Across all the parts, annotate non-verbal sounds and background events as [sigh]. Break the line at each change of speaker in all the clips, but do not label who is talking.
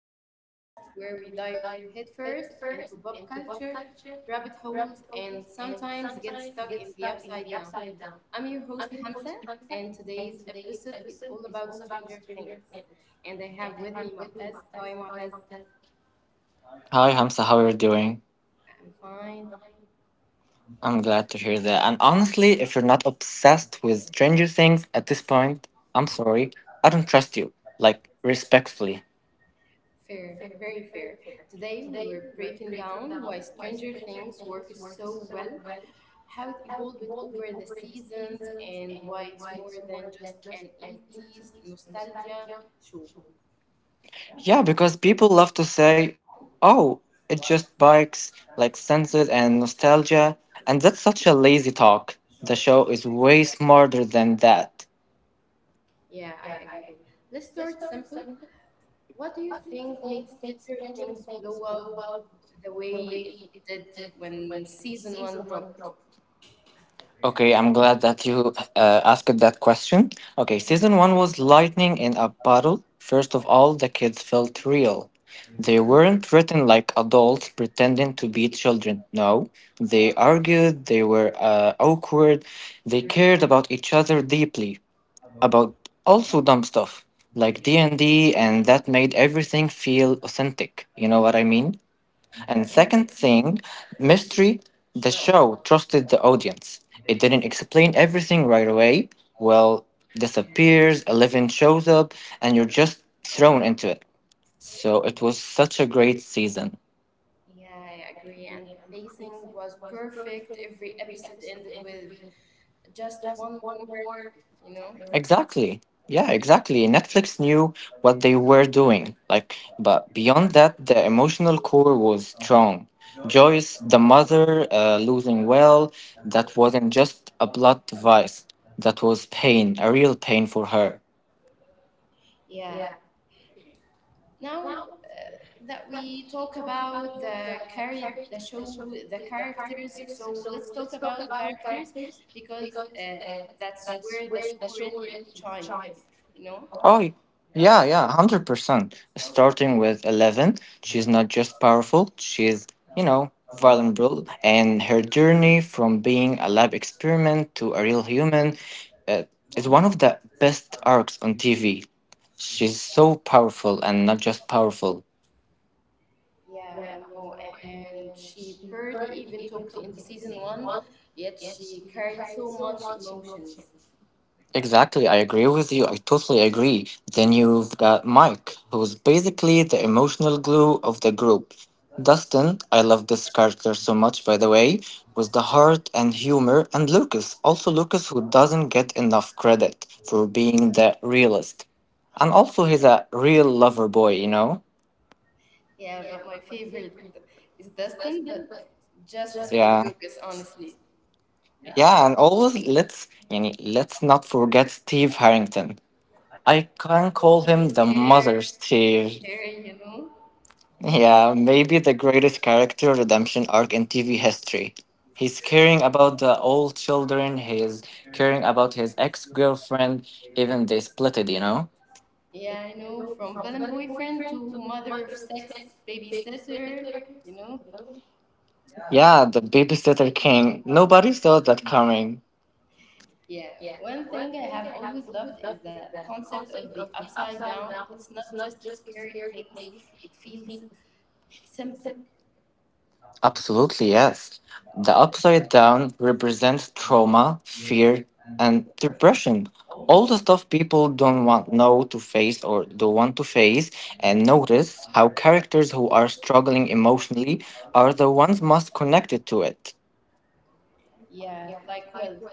and the podcast where we dive headfirst into pop culture, rabbit holes, and sometimes get stuck in the upside down. I'm your host, Hamza, and today's episode is all about Stranger Things. And I have with me Mu'taz. Hi, Mu'taz.
Hi Hamza, how are you doing?
I'm fine.
I'm glad to hear that. And honestly, if you're not obsessed with Stranger Things at this point, I'm sorry. I don't trust you. Like, respectfully.
Fair, very fair. Today we were breaking down why Stranger Things works so well, how it evolved over the seasons, and why it's more than just an 80s nostalgia show.
Yeah, because people love to say, oh, it just bikes, like senses and nostalgia. And that's such a lazy talk. The show is way smarter than that.
Yeah, I agree. Let's start simple. What do you think made Stranger Things blow up the way it did when season one dropped?
Okay, I'm glad that you asked that question. Okay, season one was lightning in a bottle. First of all, the kids felt real. They weren't written like adults pretending to be children. No, they argued, they were awkward, they cared about each other deeply, about also dumb stuff like D&D and D, and that made everything feel authentic. You know what I mean? And
Yeah.
second thing, mystery, the show trusted the audience. It didn't explain everything right away. Well, disappears, 11 shows up, and you're just thrown into it. So it was such a great season.
Yeah, I agree. And the pacing was perfect. Every episode ended with just one more, you know?
Exactly. Yeah, exactly. Netflix knew what they were doing. Like, but beyond that, the emotional core was strong. Joyce, the mother, losing will that wasn't just a blood device. That was pain, a real pain for her.
Yeah. Now that we talk about the carry the show, the characters, so let's talk about characters because that's where the show really shines, you know?
Oh, yeah, yeah, 100%. Starting with 11, she's not just powerful, she's, you know, vulnerable. And her journey from being a lab experiment to a real human uh, is one of the best arcs on TV. She's so powerful and not just powerful.
Yeah, I know. And she barely even talked in the season one, yet she carried so much emotions.
Exactly, I agree with you. I totally agree. Then you've got Mike, who's basically the emotional glue of the group. Dustin, I love this character so much, by the way, with the heart and humor, and Lucas, also Lucas, who doesn't get enough credit for being the realist. And also, he's a real lover boy, you know?
Yeah, but my favorite is Dustin, but justice
Just
for
yeah. Like
Lucas,
Lucas,
honestly.
honestly. Yeah, and always let's yani, let's not forget Steve Harrington. I can call
It's
him the
hair,
mother Steve.
hair, you know.
Yeah, maybe the greatest character redemption arc in TV history. He's caring about the old children, he's caring about his ex girlfriend, even they split it, you know?
Yeah, I know. From villain boyfriend to mother of sex babysitter, you know.
Yeah, the babysitter king. Nobody saw that coming.
Yeah, one thing I have always loved is the concept of the upside down. It's not just a scary place, it feels simpler.
Absolutely, yes. The upside down represents trauma, fear, and depression. All the stuff people don't want know to face or don't want to face, and notice how characters who are struggling emotionally are the ones most connected to it.
Yeah, like, well,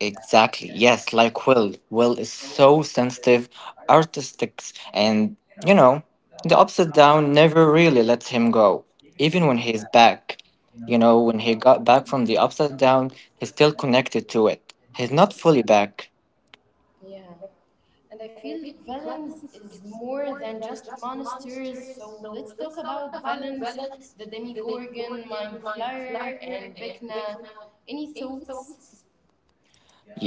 Exactly. Yes, like Will. Will is so sensitive, artistic, and you know, the upside down never really lets him go. Even when he's back, you know, when he got back from the upside down, he's still connected to it. He's not fully back.
yeah. And I feel Valence is more than just monasteries. So let's talk about Valence, the Demigorgon, Mindflyer, and Vecna. Any thoughts?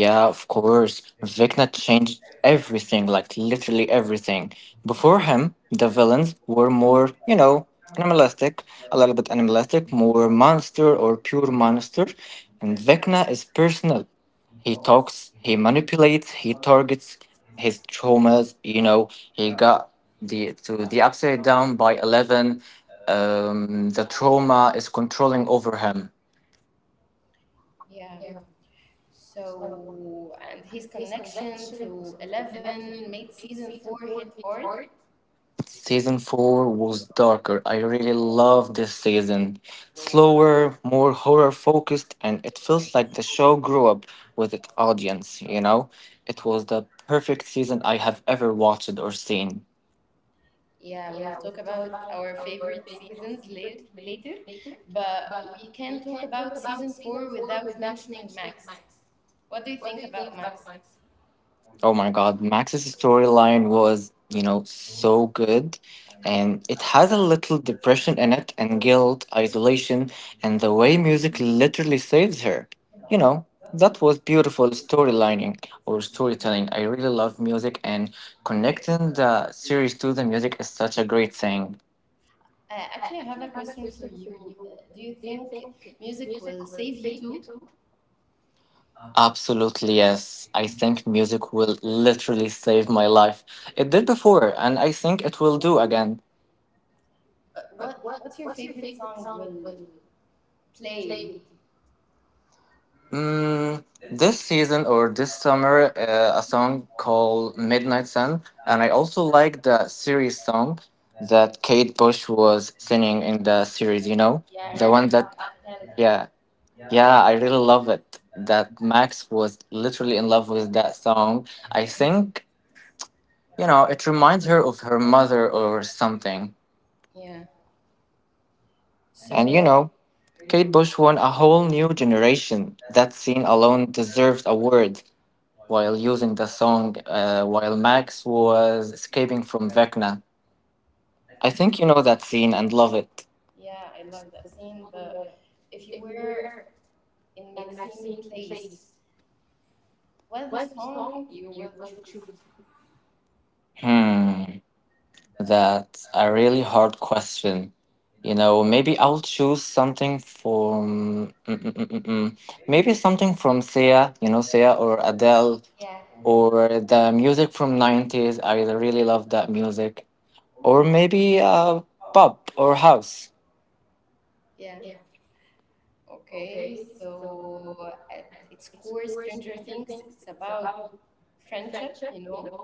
Yeah, of course. Vecna changed everything, like literally everything. Before him, the villains were more, you know, animalistic, a little bit animalistic, more monster or pure monster. And Vecna is personal. He talks, he manipulates, he targets his traumas. You know, he got the to the upside down by 11. The trauma is controlling over him.
Yeah. So, and his connection to Eleven made season four hit hard.
Season 4 was darker. I really loved this season. Slower, more horror focused, and it felt like the show grew up with its audience, you know? It was the perfect season I have ever watched or seen.
Yeah, we'll talk about our favorite seasons later, but we can talk about season four without mentioning Max. What do you think about Max?
Oh my God, Max's storyline was, you know, so good. And it has a little depression in it, and guilt, isolation, and the way music literally saves her. You know, that was beautiful storylining or storytelling. I really love music, and connecting the series to the music is such a great thing.
I have a question for you. Do you think music will save you too?
Absolutely, yes. I think music will literally save my life. It did before, and I think it will do again.
What what's your favorite song will play?
Mm, this season or this summer, a song called Midnight Sun, and I also like the series song that Kate Bush was singing in the series, you know?
Yeah,
The
around about
one that,
that hill.
yeah, yeah, I really love it. That Max was literally in love with that song. I think, you know, it reminds her of her mother or something.
Yeah. Yeah.
And, you
So
know, Kate Bush won a whole new generation. That scene alone deserves awards while using the song while Max was escaping from Vecna. I think you know that scene and love it.
yeah, I love that scene. But if you were in Maxine Place, what is the song you will choose?
Hmm, that's a really hard question. You know, maybe I'll choose something from. Mm-mm-mm-mm. Maybe something from Sia, you know, Sia or Adele,
Yeah.
or the music from '90s. I really love that music. Or maybe pop or house.
Yeah. Okay. So at its core, Stranger Things. It's about friendship, you know?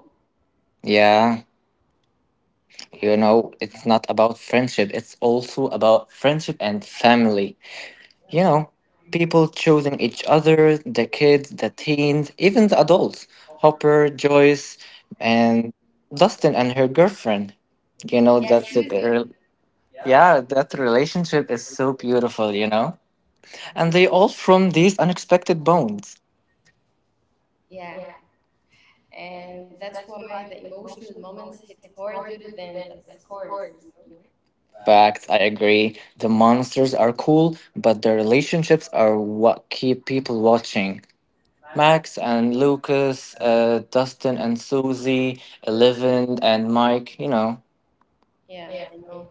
Yeah, you know, it's not about friendship, it's also about friendship and family. You know, people choosing each other, the kids, the teens, even the adults. Hopper, Joyce, and Dustin and her girlfriend. You know,
Yeah,
that's it.
Susie.
Yeah, that relationship is so beautiful, you know? And they all from these unexpected bonds.
Yeah. And that's why the emotional moments hit harder than the scores, you know?
Facts, I agree. The monsters are cool, but the relationships are what keep people watching. Max and Lucas, Dustin and Susie, 11 and Mike, you know.
Yeah, I know.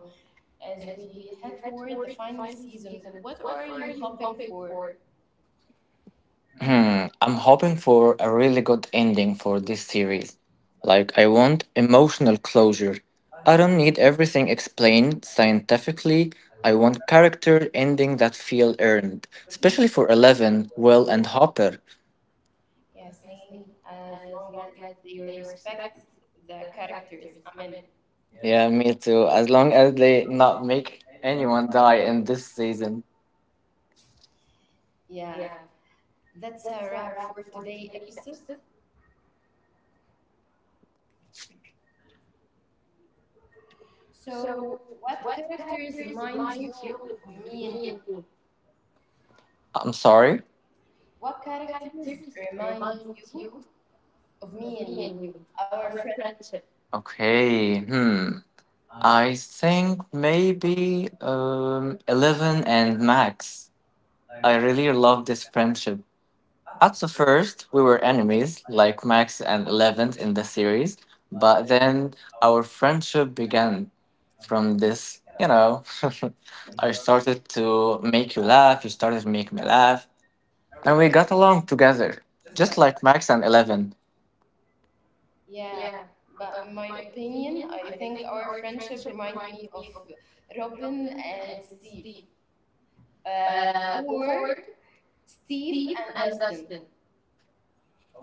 As we head toward the final season, what are you hoping for?
Hmm, I'm hoping for a really good ending for this series. Like, I want emotional closure. I don't need everything explained scientifically. I want character ending that feel earned, especially for 11, Will, and Hopper.
Yeah, same as long as they respect the characters. I mean,
Yeah, me too. As long as they not make anyone die in this season.
yeah, that's a wrap for today episode. So, what characters remind you of me and you?
I'm sorry?
What characters remind you of me and you. Our friend,
Okay, hmm. I think maybe 11 and Max. I really love this friendship. At the first, we were enemies, like Max and 11 in the series, but then our friendship began from this, you know. [laughs] I started to make you laugh, you started to make me laugh, and we got along together, just like Max and 11.
yeah. But in my opinion, I think our friendship remind me of Robin and Steve, uh, or Steve and Dustin.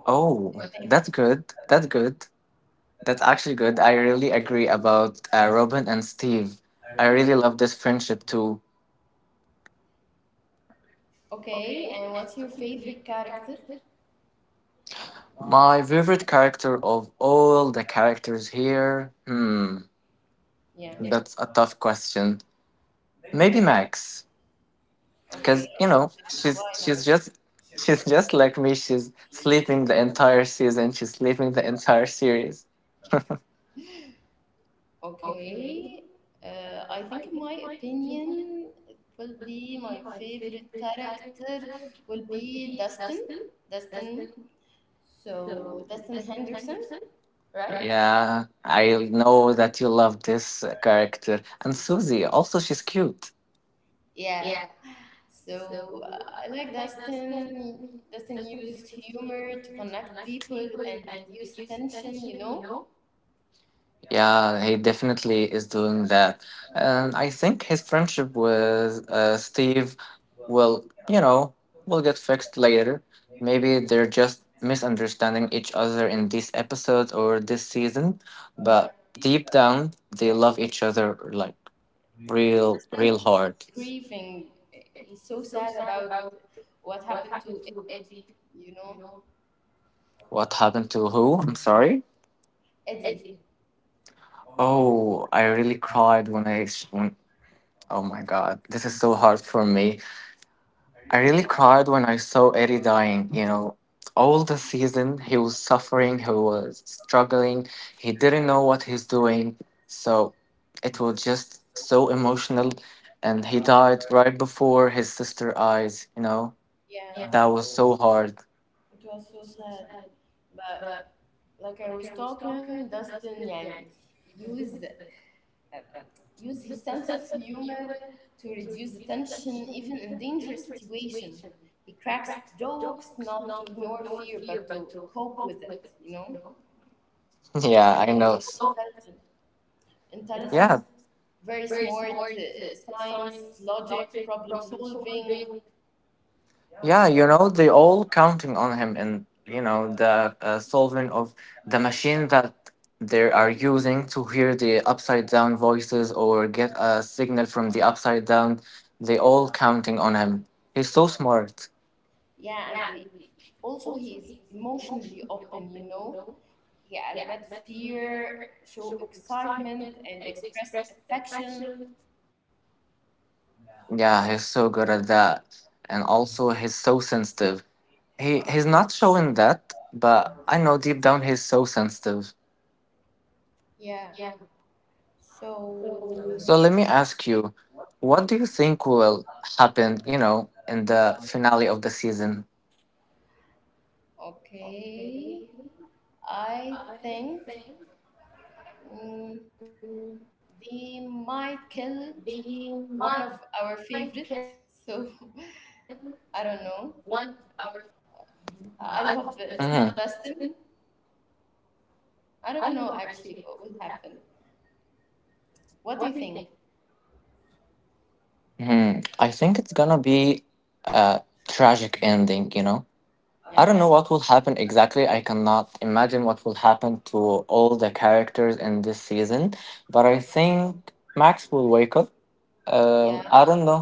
Oh,
I think.
that's good. That's good. That's actually good. I really agree about Robin and Steve. I really love this friendship too.
Okay, and what's your favorite character?
My favorite character of all the characters here? Hmm,
Yeah.
that's a tough question. Maybe Max,
Okay,
because you
just
know
that's why not.
she's just like me. She's sleeping the entire season. She's sleeping the entire series.
Okay, I think in my opinion, it will be my favorite character will be Dustin. Dustin So Dustin Henderson, right?
Right. Yeah, I know that you love this character and Susie. Also, she's cute.
Yeah. So I like Dustin. Dustin uses humor to connect people and reduce tension. You know?
Yeah, he definitely is doing that. And I think his friendship with Steve will, will get fixed later. Maybe they're just misunderstanding each other in these episodes or this season,
Yeah.
but deep down they love each other like real
Dustin
real hard.
is grieving. He's so sad about what happened to you know
What happened to who? I'm sorry.
Eddie.
Oh, I really cried when, oh my god, this is so hard for me. I really cried when I saw Eddie dying, you know. All the season, he was suffering, he was struggling, he didn't know what he's doing. So it was just so emotional. And he died right before his sister eyes, you know.
Yeah.
That was so hard.
It was so sad, but like I was talking, Dustin يعني use uh, use his sense of humor to reduce the tension even in dangerous situation. He cracks jokes not to ignore fear but to cope with it, you know?
[laughs] Yeah,
And
I
he's
know.
so intelligent.
Yeah,
Intelligent, very smart, science, logic, problem solving.
yeah, you know, they all counting on him and, you know, the solving of the machine that they are using to hear the upside down voices or get a signal from the upside down. They all counting on him. He's so smart.
Yeah, and the also he is emotionally open, you know? Yeah, admit fear, show excitement, and express affection.
Yeah, he's so good at that. And also he's so sensitive. He's not showing that, but I know deep down he's so sensitive.
Yeah. So,
So let me ask you, what do you think will happen, you know, in the finale of the season?
okay. I think mm, they might kill one of our favorite. So, [laughs] I don't know. I hope that it's not
Mhm.
Dustin. I don't know actually what will happen. What do you think?
Mhm. I think it's gonna be a tragic ending, you know? I don't
Yeah.
know what will happen exactly. I cannot imagine what will happen to all the characters in this season, but I think Max will wake up.
Yeah,
I don't know.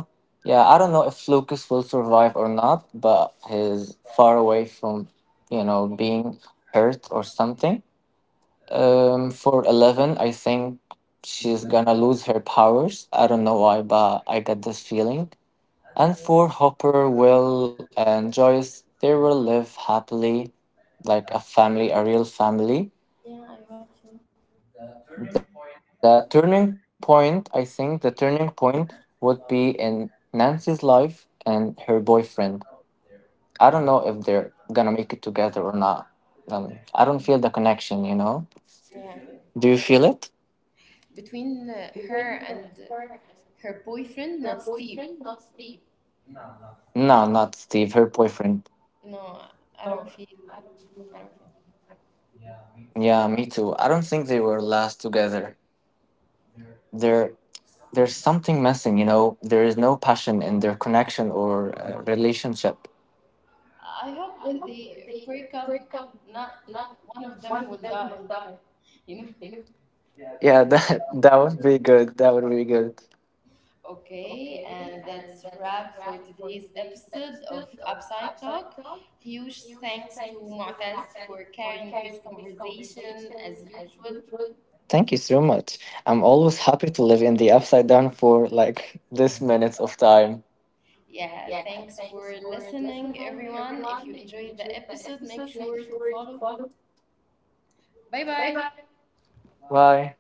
Yeah, I don't know if Lucas will survive or not, but he's far away from, you know, being hurt or something. For 11, I think she's gonna lose her powers. I don't know why, but I got this feeling. And for Hopper, Will, and Joyce, they will live happily, like a family, a real family.
yeah, I hope so.
I think the turning point would be in Nancy's life and her boyfriend. I don't know if they're gonna make it together or not. I don't feel the connection, you know?
Yeah.
Do you feel it?
Between her and her boyfriend, not Steve.
No, not Steve, her boyfriend.
No, I don't feel. I don't feel.
Yeah, me too. I don't think they were last together. There, there's something missing, you know? There is no passion in their connection or relationship.
I hope they break up. Not one of them will die. You know.
Yeah, that, [laughs] that would be good. That would be good.
Okay, and that's wrap for today's episode of Upside Talk. Huge thanks to Mu'taz for carrying this conversation as usual.
Thank you so much. I'm always happy to live in the upside down for like this minutes of time.
Yeah, thanks for listening, everyone. If you enjoyed the episode, make sure to follow. Bye bye.
Bye.